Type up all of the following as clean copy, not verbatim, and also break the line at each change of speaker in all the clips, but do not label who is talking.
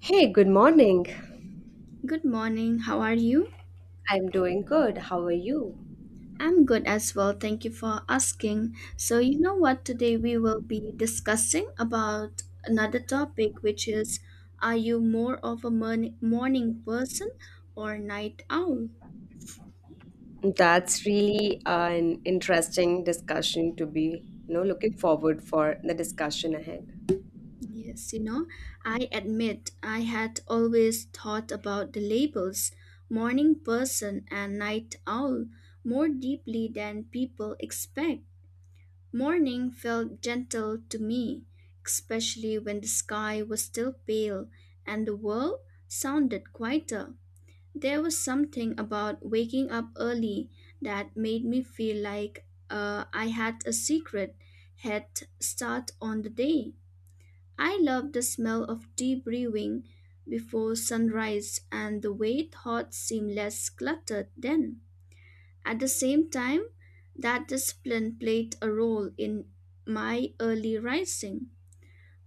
Hey, good morning.
Good morning. How are you?
I'm doing good. How are you?
I'm good as well. Thank you for asking. So, you know what? Today we will be discussing about another topic, which is are you more of a morning person or night owl?
That's really an interesting discussion to be, looking forward for the discussion ahead.
Yes, you know, I admit I had always thought about the labels morning person and night owl more deeply than people expect. Morning felt gentle to me, especially when the sky was still pale and the world sounded quieter. There was something about waking up early that made me feel like I had a secret head start on the day. I loved the smell of tea brewing before sunrise, and the way thoughts seemed less cluttered then. At the same time, that discipline played a role in my early rising.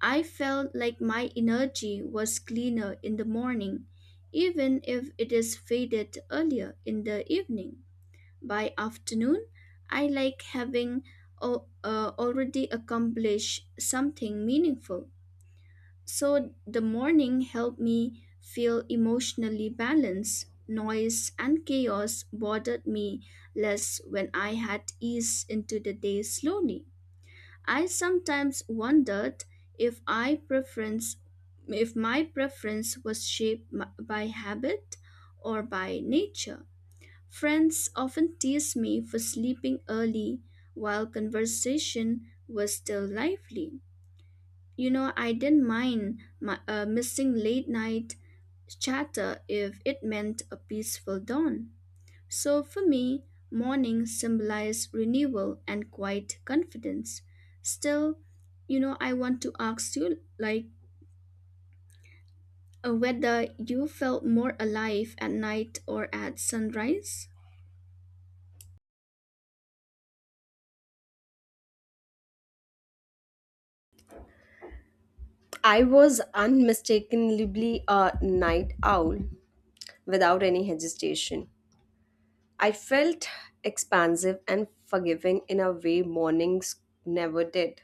I felt like my energy was cleaner in the morning, even if it is faded earlier in the evening. By afternoon, I like having already accomplished something meaningful. So the morning helped me feel emotionally balanced. Noise and chaos bothered me less when I had eased into the day slowly. I sometimes wondered if I preference if my preference was shaped by habit or by nature. Friends often teased me for sleeping early while conversation was still lively. You know, I didn't mind my, missing late night chatter if it meant a peaceful dawn. So for me, morning symbolized renewal and quiet confidence. Still, you know, I want to ask you like whether you felt more alive at night or at sunrise?
I was unmistakably a night owl without any hesitation. I felt expansive and forgiving in a way mornings never did.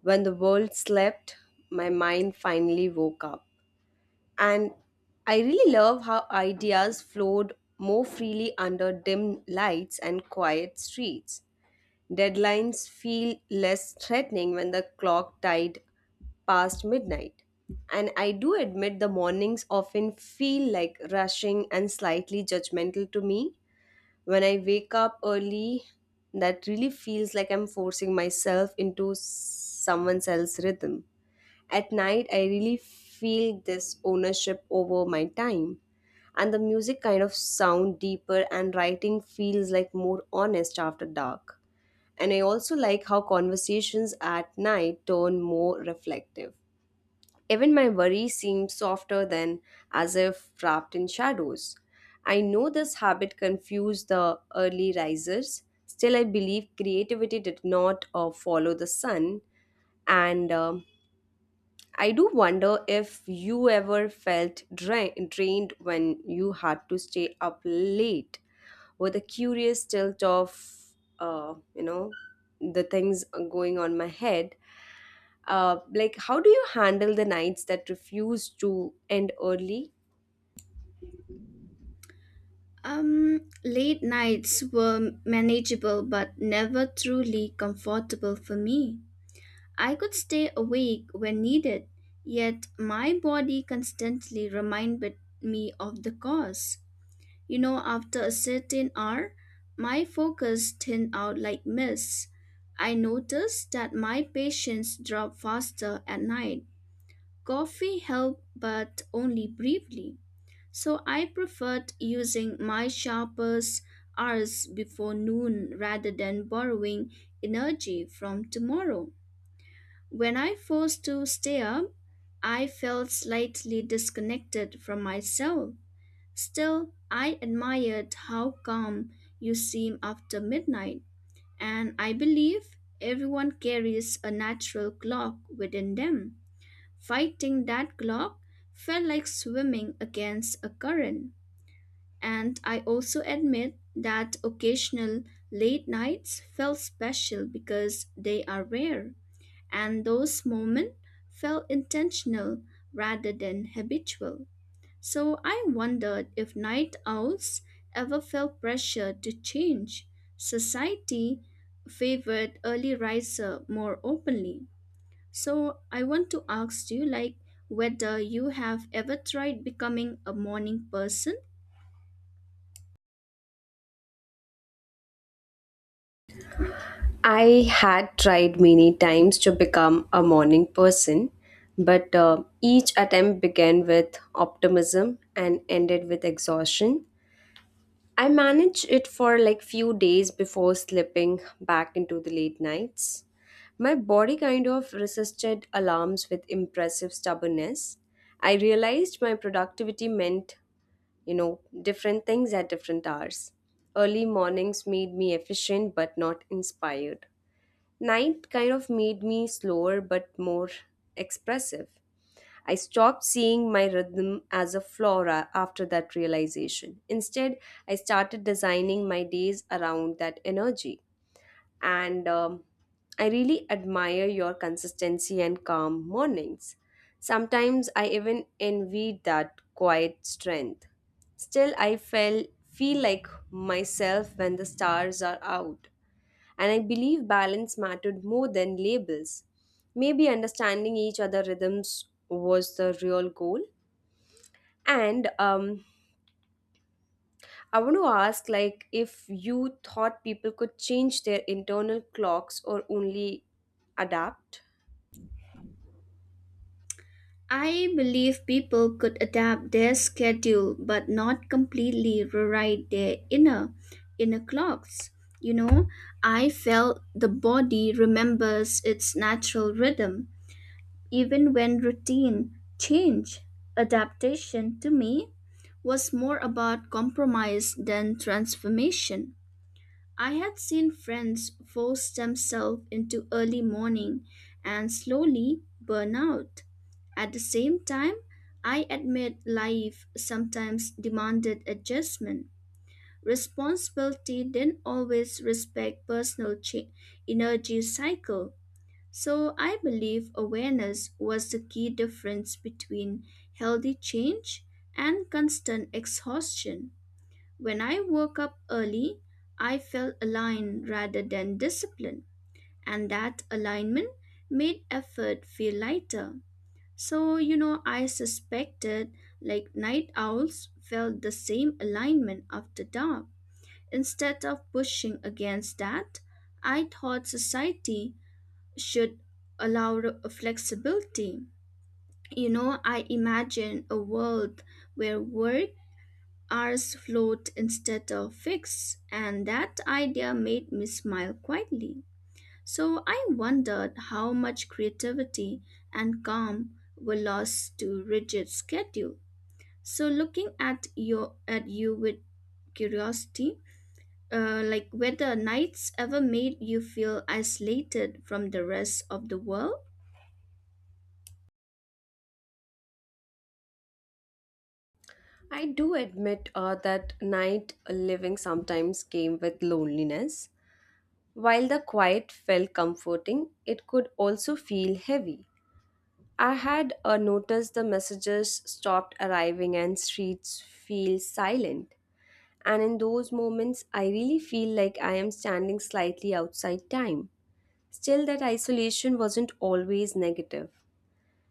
When the world slept, my mind finally woke up, and I really love how ideas flowed more freely under dim lights and quiet streets. Deadlines feel less threatening when the clock tied past midnight. And I do admit the mornings often feel like rushing and slightly judgmental to me. When I wake up early, that really feels like I'm forcing myself into someone else's rhythm. At night, I really feel this ownership over my time. And the music kind of sound deeper and writing feels like more honest after dark. And I also like how conversations at night turn more reflective. Even my worries seem softer, than as if wrapped in shadows. I know this habit confused the early risers. Still, I believe creativity did not follow the sun, and I do wonder if you ever felt drained when you had to stay up late with a curious tilt of, the things going on my head. Like, how do you handle the nights that refuse to end early?
Late nights were manageable but never truly comfortable for me. I could stay awake when needed, yet my body constantly reminded me of the cause. You know, after a certain hour, my focus thinned out like mist. I noticed that my patience dropped faster at night. Coffee helped, but only briefly. So I preferred using my sharpest hours before noon rather than borrowing energy from tomorrow. When I forced to stay up, I felt slightly disconnected from myself. Still, I admired how calm you seem after midnight, and I believe everyone carries a natural clock within them. Fighting that clock felt like swimming against a current. And I also admit that occasional late nights felt special because they are rare and those moments felt intentional rather than habitual. So I wondered if night owls ever felt pressure to change. Society favored early riser more openly. So I want to ask you like whether you have ever tried becoming a morning person.
I had tried many times to become a morning person, but each attempt began with optimism and ended with exhaustion. I manage it for like few days before slipping back into the late nights. My body kind of resisted alarms with impressive stubbornness. I realized my productivity meant, different things at different hours. Early mornings made me efficient but not inspired. Night kind of made me slower but more expressive. I stopped seeing my rhythm as a flaw after that realization. Instead, I started designing my days around that energy. And I really admire your consistency and calm mornings. Sometimes I even envied that quiet strength. Still, I felt feel like myself when the stars are out. And I believe balance mattered more than labels. Maybe understanding each other rhythms was the real goal. And I want to ask, like, if you thought people could change their internal clocks or only adapt?
I believe people could adapt their schedule but not completely rewrite their inner clocks. You know, I felt the body remembers its natural rhythm even when routine change. Adaptation to me was more about compromise than transformation. I had seen friends force themselves into early morning and slowly burn out. At the same time, I admit life sometimes demanded adjustment. Responsibility didn't always respect personal energy cycle. So I believe awareness was the key difference between healthy change and constant exhaustion. When I woke up early, I felt aligned rather than disciplined, and that alignment made effort feel lighter. So, you know, I suspected like night owls felt the same alignment after dark. Instead of pushing against that, I thought society should allow flexibility. You know, I imagine a world where work hours float instead of fixed, and that idea made me smile quietly. So I wondered how much creativity and calm were lost to rigid schedule. So looking at you with curiosity, like whether nights ever made you feel isolated from the rest of the world.
I do admit that night living sometimes came with loneliness. While the quiet felt comforting, it could also feel heavy. I had noticed the messages stopped arriving and streets feel silent. And in those moments, I really feel like I am standing slightly outside time. Still, that isolation wasn't always negative.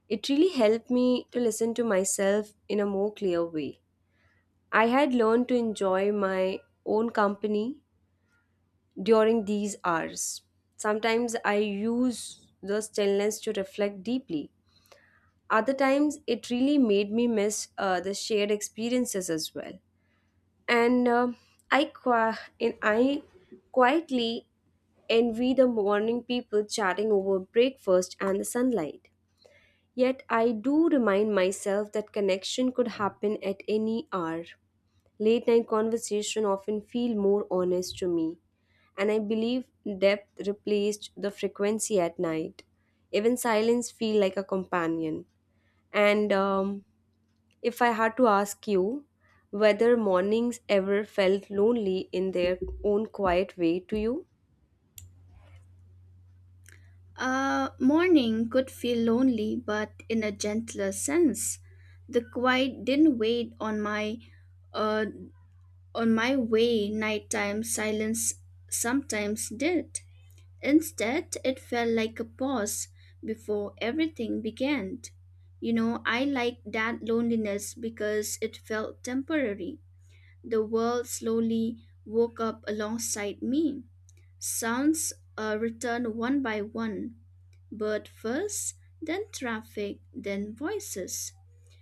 It really helped me to listen to myself in a more clear way. I had learned to enjoy my own company during these hours. Sometimes I use the stillness to reflect deeply. Other times it really made me miss the shared experiences as well, and uh, and I quietly envy the morning people chatting over breakfast and the sunlight. Yet I do remind myself that connection could happen at any hour. Late night conversation often feel more honest to me, and I believe depth replaced the frequency at night. Even silence feel like a companion. And If I had to ask you whether mornings ever felt lonely in their own quiet way to you?
Morning could feel lonely, but in a gentler sense. The quiet didn't wait uh, on my way. Nighttime silence sometimes did. Instead, it felt like a pause before everything began. You know, I liked that loneliness because it felt temporary. The world slowly woke up alongside me. Sounds returned one by one, bird first, then traffic, then voices.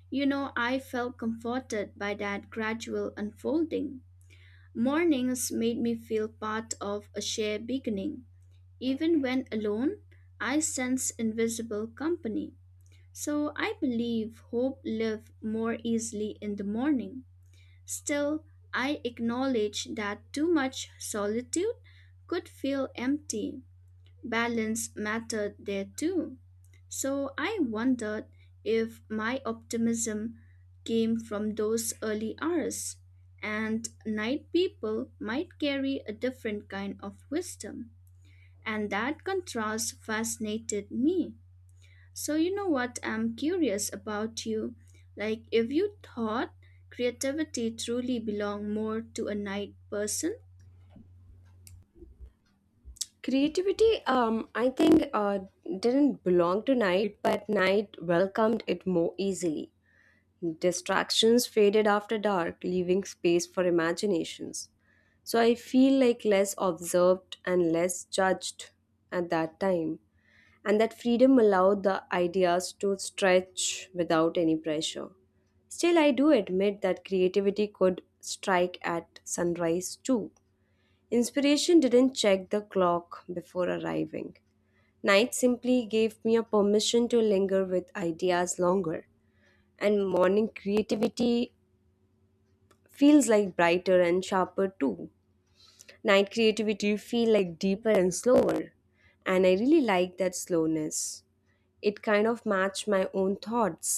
You know, I felt comforted by that gradual unfolding. Mornings made me feel part of a shared beginning even when alone, I sense invisible company. So I believe hope live more easily in the morning. Still, I acknowledge that too much solitude could feel empty. Balance mattered there too. So I wondered if my optimism came from those early hours, and night people might carry a different kind of wisdom. And that contrast fascinated me. So, you know what I'm curious about you? Like, if you thought creativity truly belonged more to a night person?
Creativity, I think, didn't belong to night, but night welcomed it more easily. Distractions faded after dark, leaving space for imaginations. So I feel like less observed and less judged at that time, and that freedom allowed the ideas to stretch without any pressure. Still, I do admit that creativity could strike at sunrise too. Inspiration didn't check the clock before arriving. Night simply gave me a permission to linger with ideas longer, and morning creativity feels like brighter and sharper too. Night creativity feel like deeper and slower, and I really like that slowness. It kind of matched my own thoughts,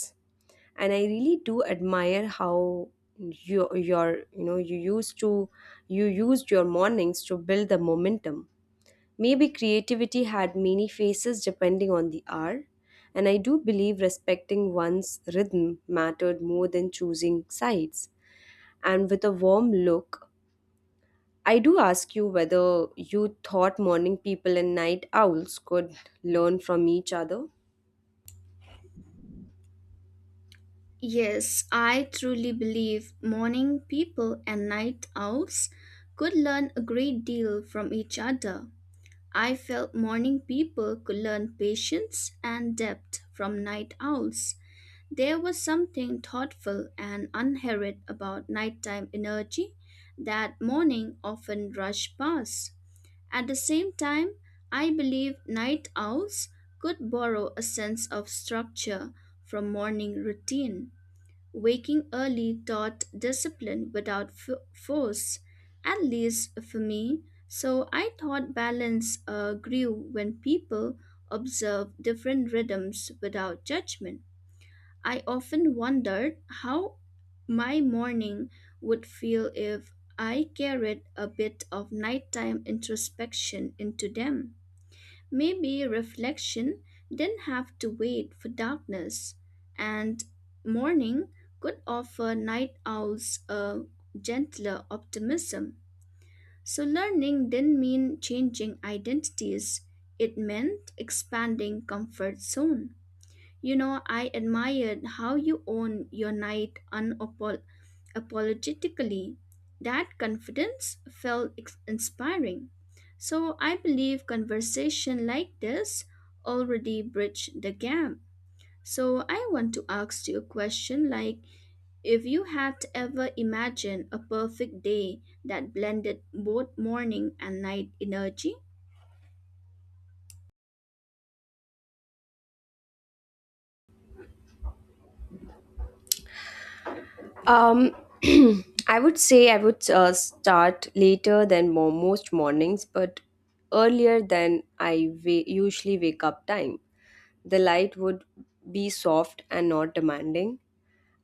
and I really do admire how you your you know you used to you used your mornings to build the momentum. Maybe creativity had many faces depending on the hour, and I do believe respecting one's rhythm mattered more than choosing sides. And with a warm look, I do ask you whether you thought morning people and night owls could learn from each other.
Yes, I truly believe morning people and night owls could learn a great deal from each other. I felt morning people could learn patience and depth from night owls. There was something thoughtful and unhurried about nighttime energy that morning often rushed past. At the same time, I believe night owls could borrow a sense of structure from morning routine. Waking early taught discipline without force, at least for me, so I thought balance grew when people observed different rhythms without judgment. I often wondered how my morning would feel if I carried a bit of nighttime introspection into them. Maybe reflection didn't have to wait for darkness, and morning could offer night owls a gentler optimism. So, learning didn't mean changing identities, it meant expanding comfort zone. You know, I admired how you own your night unapologetically. That confidence felt inspiring. So I believe conversation like this already bridge the gap. So I want to ask you a question like if you had ever imagined a perfect day that blended both morning and night energy?
um I would say I would start later than most mornings, but earlier than usually wake up time. The light would be soft and not demanding.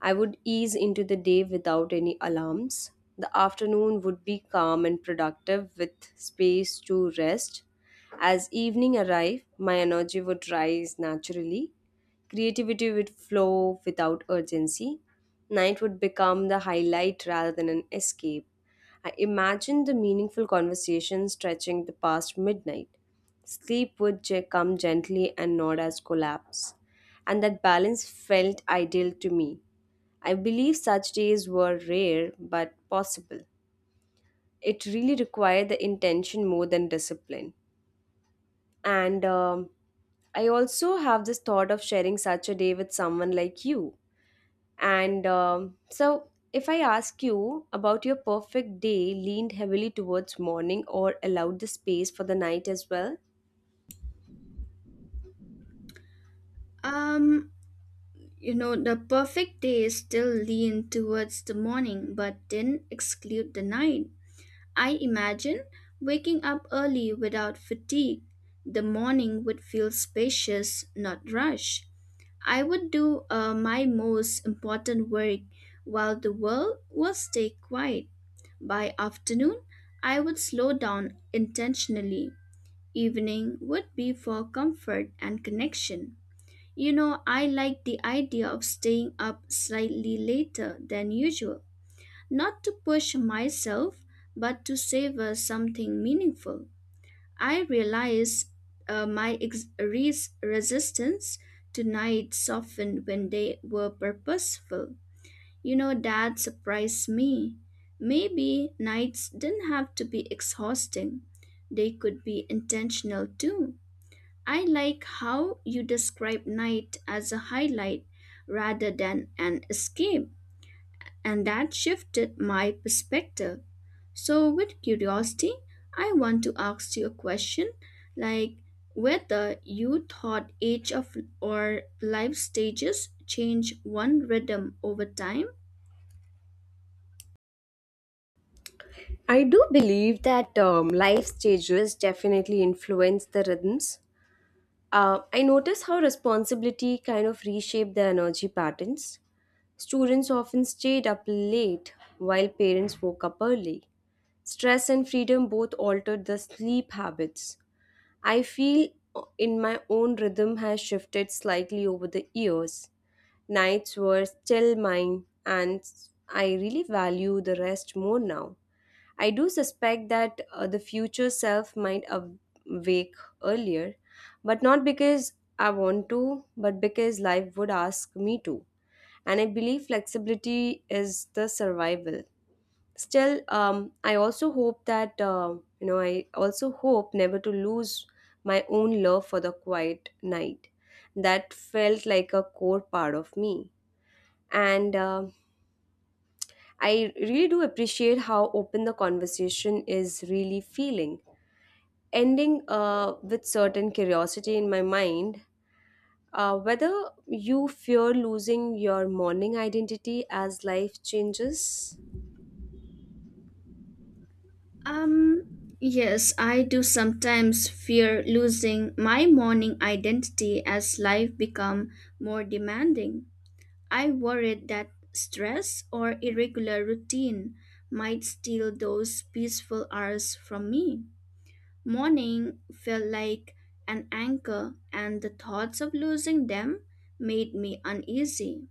I would ease into the day without any alarms. The afternoon would be calm and productive with space to rest. As evening arrived, my energy would rise naturally. Creativity would flow without urgency. Night would become the highlight rather than an escape. I imagined the meaningful conversation stretching the past midnight. Sleep would come gently and not as collapse. And that balance felt ideal to me. I believe such days were rare but possible. It really required the intention more than discipline. And I also have this thought of sharing such a day with someone like you. And So, if I ask you about your perfect day, leaned heavily towards morning or allowed the space for the night as well?
Um You know, the perfect day still lean towards the morning but didn't exclude the night. I imagine waking up early without fatigue. The morning would feel spacious, not rushed. I would do my most important work while the world will stay quiet. By afternoon, I would slow down intentionally. Evening would be for comfort and connection. You know, I like the idea of staying up slightly later than usual, not to push myself, but to savor something meaningful. I realize my resistance to night softened when they were purposeful. You know, that surprised me. Maybe nights didn't have to be exhausting, they could be intentional too. I like how you describe night as a highlight rather than an escape, and that shifted my perspective. So, with curiosity, I want to ask you a question like whether you thought age of or life stages change one rhythm over time?
I do believe that life stages definitely influence the rhythms. I notice how responsibility kind of reshaped their energy patterns. Students often stayed up late while parents woke up early. Stress and freedom both altered the sleep habits. I feel in my own rhythm has shifted slightly over the years. Nights were still mine, and I really value the rest more now. I do suspect that the future self might wake earlier, but not because I want to, but because life would ask me to. And I believe flexibility is the survival. Still, I also hope that, I also hope never to lose my own love for the quiet night that felt like a core part of me. And I really do appreciate how open the conversation is really feeling, ending with certain curiosity in my mind, whether you fear losing your morning identity as life changes.
Um, yes, I do sometimes fear losing my morning identity as life become more demanding. I worried that stress or irregular routine might steal those peaceful hours from me. Morning felt like an anchor, and the thoughts of losing them made me uneasy.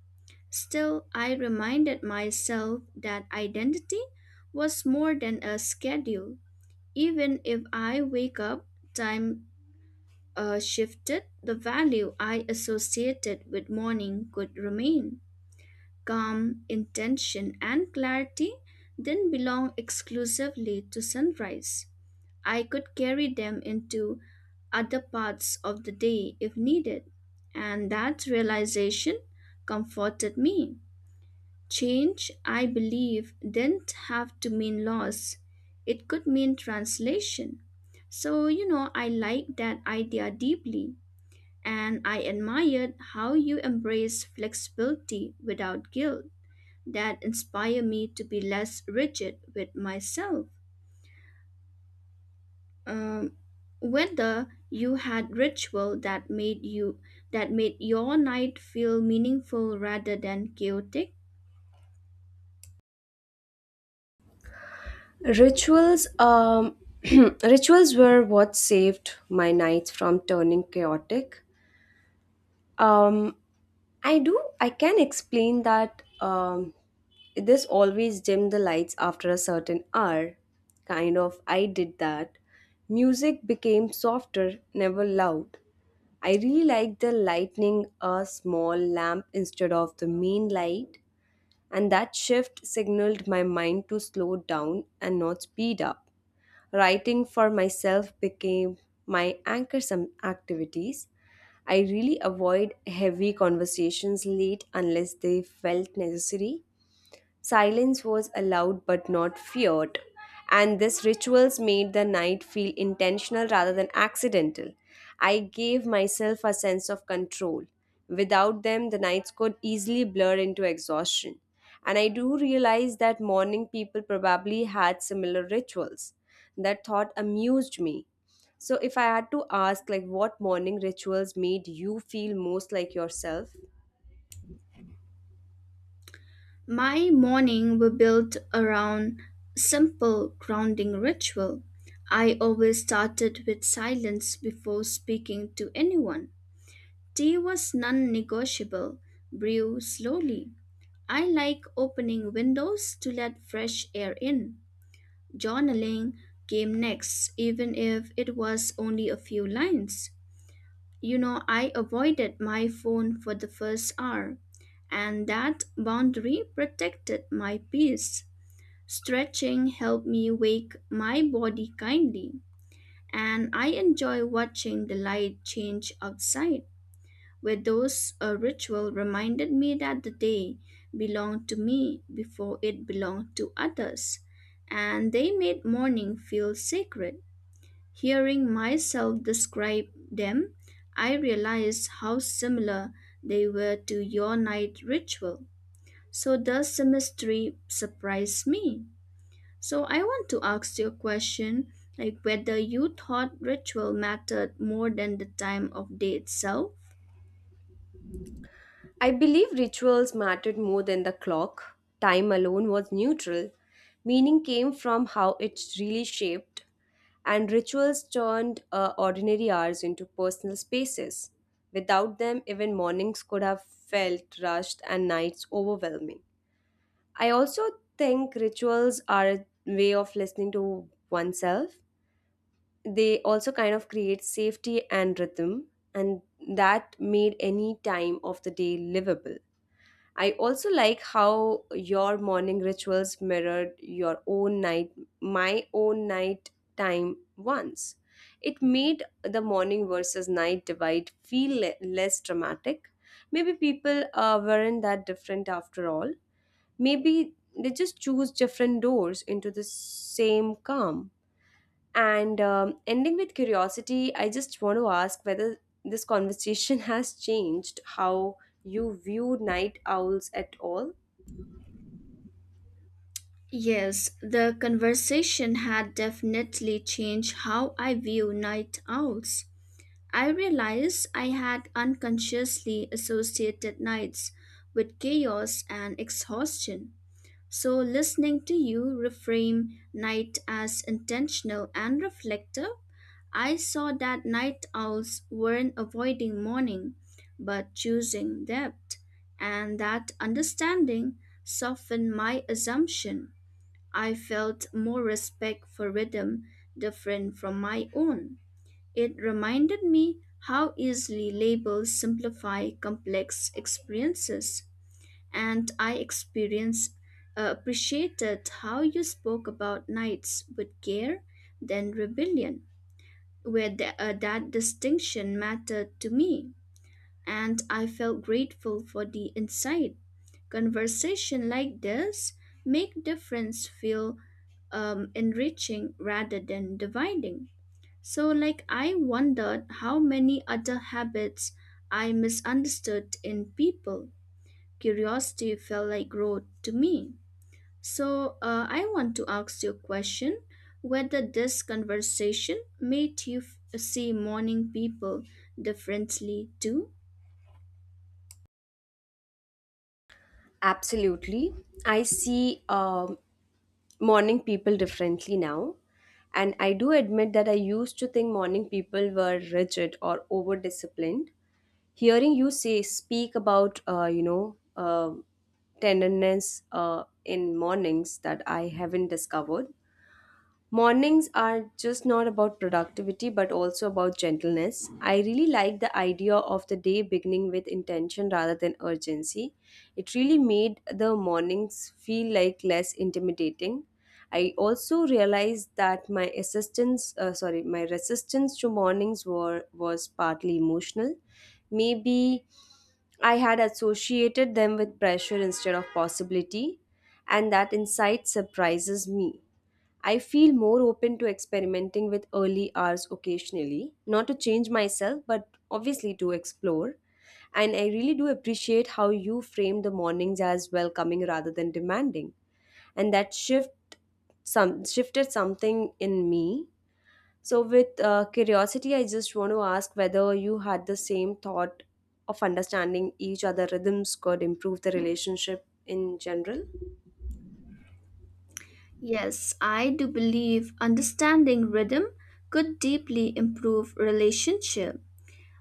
Still, I reminded myself that identity was more than a schedule. Even if I wake up, time shifted, the value I associated with morning could remain calm, intention, and clarity didn't belong exclusively to sunrise. I could carry them into other parts of the day if needed, and that realization comforted me. Change, I believe, didn't have to mean loss, it could mean translation. So, you know, I like that idea deeply, and I admired how you embrace flexibility without guilt that inspire me to be less rigid with myself. Um, Whether you had ritual that made you that made your night feel meaningful rather than chaotic.
Rituals, rituals were what saved my nights from turning chaotic. Um, i do i can explain that. This always dimmed the lights after a certain hour. Kind of I did that. Music became softer, never loud. I really like the lighting a small lamp instead of the main light, and that shift signaled my mind to slow down and not speed up. Writing for myself became my anchor some activities. I really avoid heavy conversations late unless they felt necessary. Silence was allowed but not feared, and these rituals made the night feel intentional rather than accidental. I gave myself a sense of control. Without them, the nights could easily blur into exhaustion. And I do realize that morning people probably had similar rituals. That thought amused me. So, if I had to ask, like, what morning rituals made you feel most like yourself,
My morning were built around simple grounding ritual. I always started with silence before speaking to anyone. Tea was non-negotiable. Brew slowly. I like opening windows to let fresh air in. Journaling came next, even if it was only a few lines. You know, I avoided my phone for the first hour, and that boundary protected my peace. Stretching helped me wake my body kindly, and I enjoy watching the light change outside, where those a ritual reminded me that the day belonged to me before it belonged to others, and they made morning feel sacred. Hearing myself describe them, I realized how similar they were to your night ritual. So does the mystery surprise me? So I want to ask you a question like whether you thought ritual mattered more than the time of day itself?
I believe rituals mattered more than the clock. Time alone was neutral. Meaning came from how it really shaped, and rituals turned ordinary hours into personal spaces. Without them, even mornings could have felt rushed and nights overwhelming. I also think rituals are a way of listening to oneself. They also kind of create safety and rhythm, and that made any time of the day livable. I also like how your morning rituals mirrored my own night time once. It made the morning versus night divide feel less dramatic. Maybe people weren't that different after all. Maybe they just choose different doors into the same calm. And Ending with curiosity, I just want to ask whether this conversation has changed how you view night owls at all.
Yes, the conversation had definitely changed how I view night owls. I realized I had unconsciously associated nights with chaos and exhaustion. So, listening to you reframe night as intentional and reflective, I saw that night owls weren't avoiding morning but choosing depth, and that understanding softened my assumption. I felt more respect for rhythm different from my own. It reminded me how easily labels simplify complex experiences, and I experience appreciated how you spoke about nights with care, then rebellion, where that distinction mattered to me, and I felt grateful for the insight. Conversation like this make difference feel enriching rather than dividing. So, like, I wondered how many other habits I misunderstood in people. Curiosity felt like growth to me. So, I want to ask you a question whether this conversation made you see morning people differently too?
Absolutely. I see morning people differently now. And I do admit that I used to think morning people were rigid or over disciplined. Hearing you say, speak about, tenderness in mornings that I haven't discovered. Mornings are just not about productivity but also about gentleness. I really like the idea of the day beginning with intention rather than urgency. It really made the mornings feel like less intimidating. I also realized that my assistance sorry my resistance to mornings were was partly emotional. Maybe I had associated them with pressure instead of possibility, and that insight surprises me. I feel more open to experimenting with early hours occasionally, not to change myself, but obviously to explore. And I really do appreciate how you frame the mornings as welcoming rather than demanding. And that shifted something in me. So with curiosity, I just want to ask whether you had the same thought of understanding each other rhythms could improve the relationship in general.
Yes, I do believe understanding rhythm could deeply improve relationship.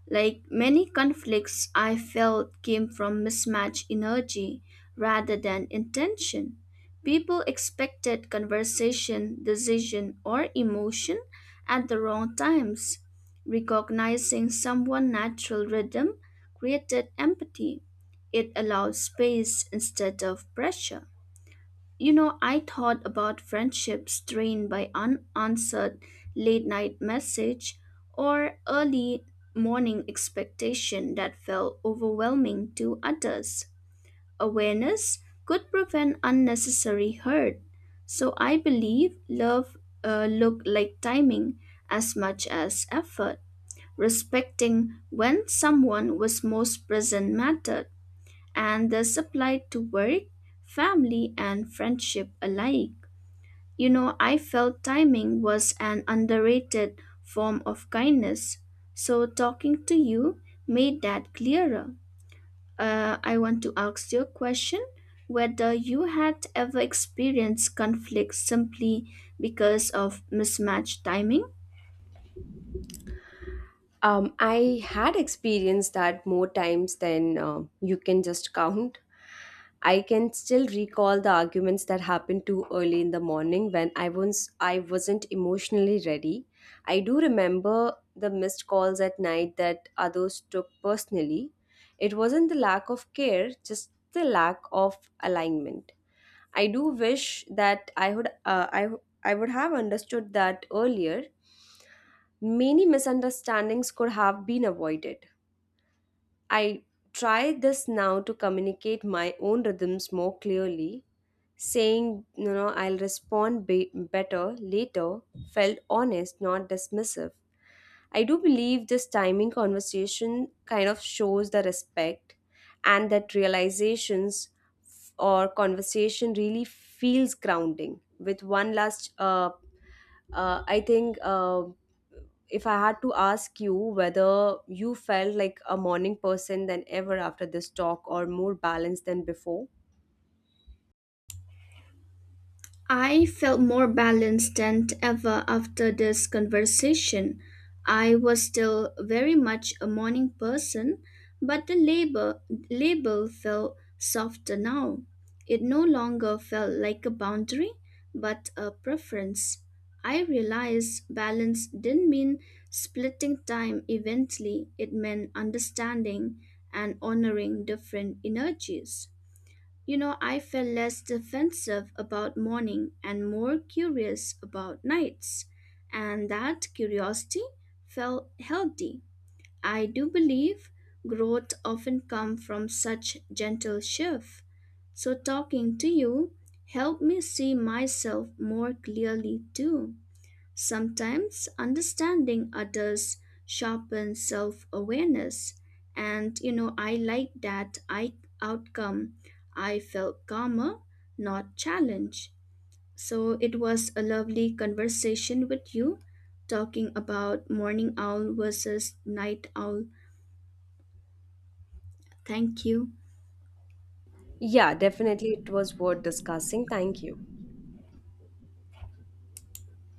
Like many conflicts, I felt came from mismatched energy rather than intention. People expected conversation, decision, or emotion at the wrong times. Recognizing someone's natural rhythm created empathy. It allowed space instead of pressure. You know, I thought about friendships drained by unanswered late night message or early morning expectation that felt overwhelming to others. Awareness could prevent unnecessary hurt. So I believe love look like timing as much as effort. Respecting when someone was most present mattered, and this applied to work, family, and friendship alike. You know, I felt timing was an underrated form of kindness, so talking to you made that clearer. I want to ask you a question whether you had ever experienced conflict simply because of mismatched timing.
I had experienced that more times than you can just count. I can still recall the arguments that happened too early in the morning when I wasn't emotionally ready. I do remember the missed calls at night that others took personally. It wasn't the lack of care, just the lack of alignment. I do wish that I I would have understood that earlier. Many misunderstandings could have been avoided. I try this now to communicate my own rhythms more clearly. Saying, you know, I'll respond better later felt honest, not dismissive. I do believe this timing conversation kind of shows the respect, and that realizations f- or conversation really feels grounding. With one last, I think, if I had to ask you whether you felt like a morning person than ever after this talk or more balanced than before,
I felt more balanced than ever after this conversation. I was still very much a morning person, but the label felt softer now. It no longer felt like a boundary, but a preference. I realized balance didn't mean splitting time evenly, it meant understanding and honoring different energies. You know, I felt less defensive about morning and more curious about nights, and that curiosity felt healthy. I do believe growth often comes from such gentle shift. So talking to you helped me see myself more clearly too. Sometimes understanding others sharpens self awareness. And you know, I like that I outcome. I felt calmer, not challenged. So it was a lovely conversation with you talking about morning owl versus night owl. Thank you.
yeah, definitely it was worth discussing. Thank you.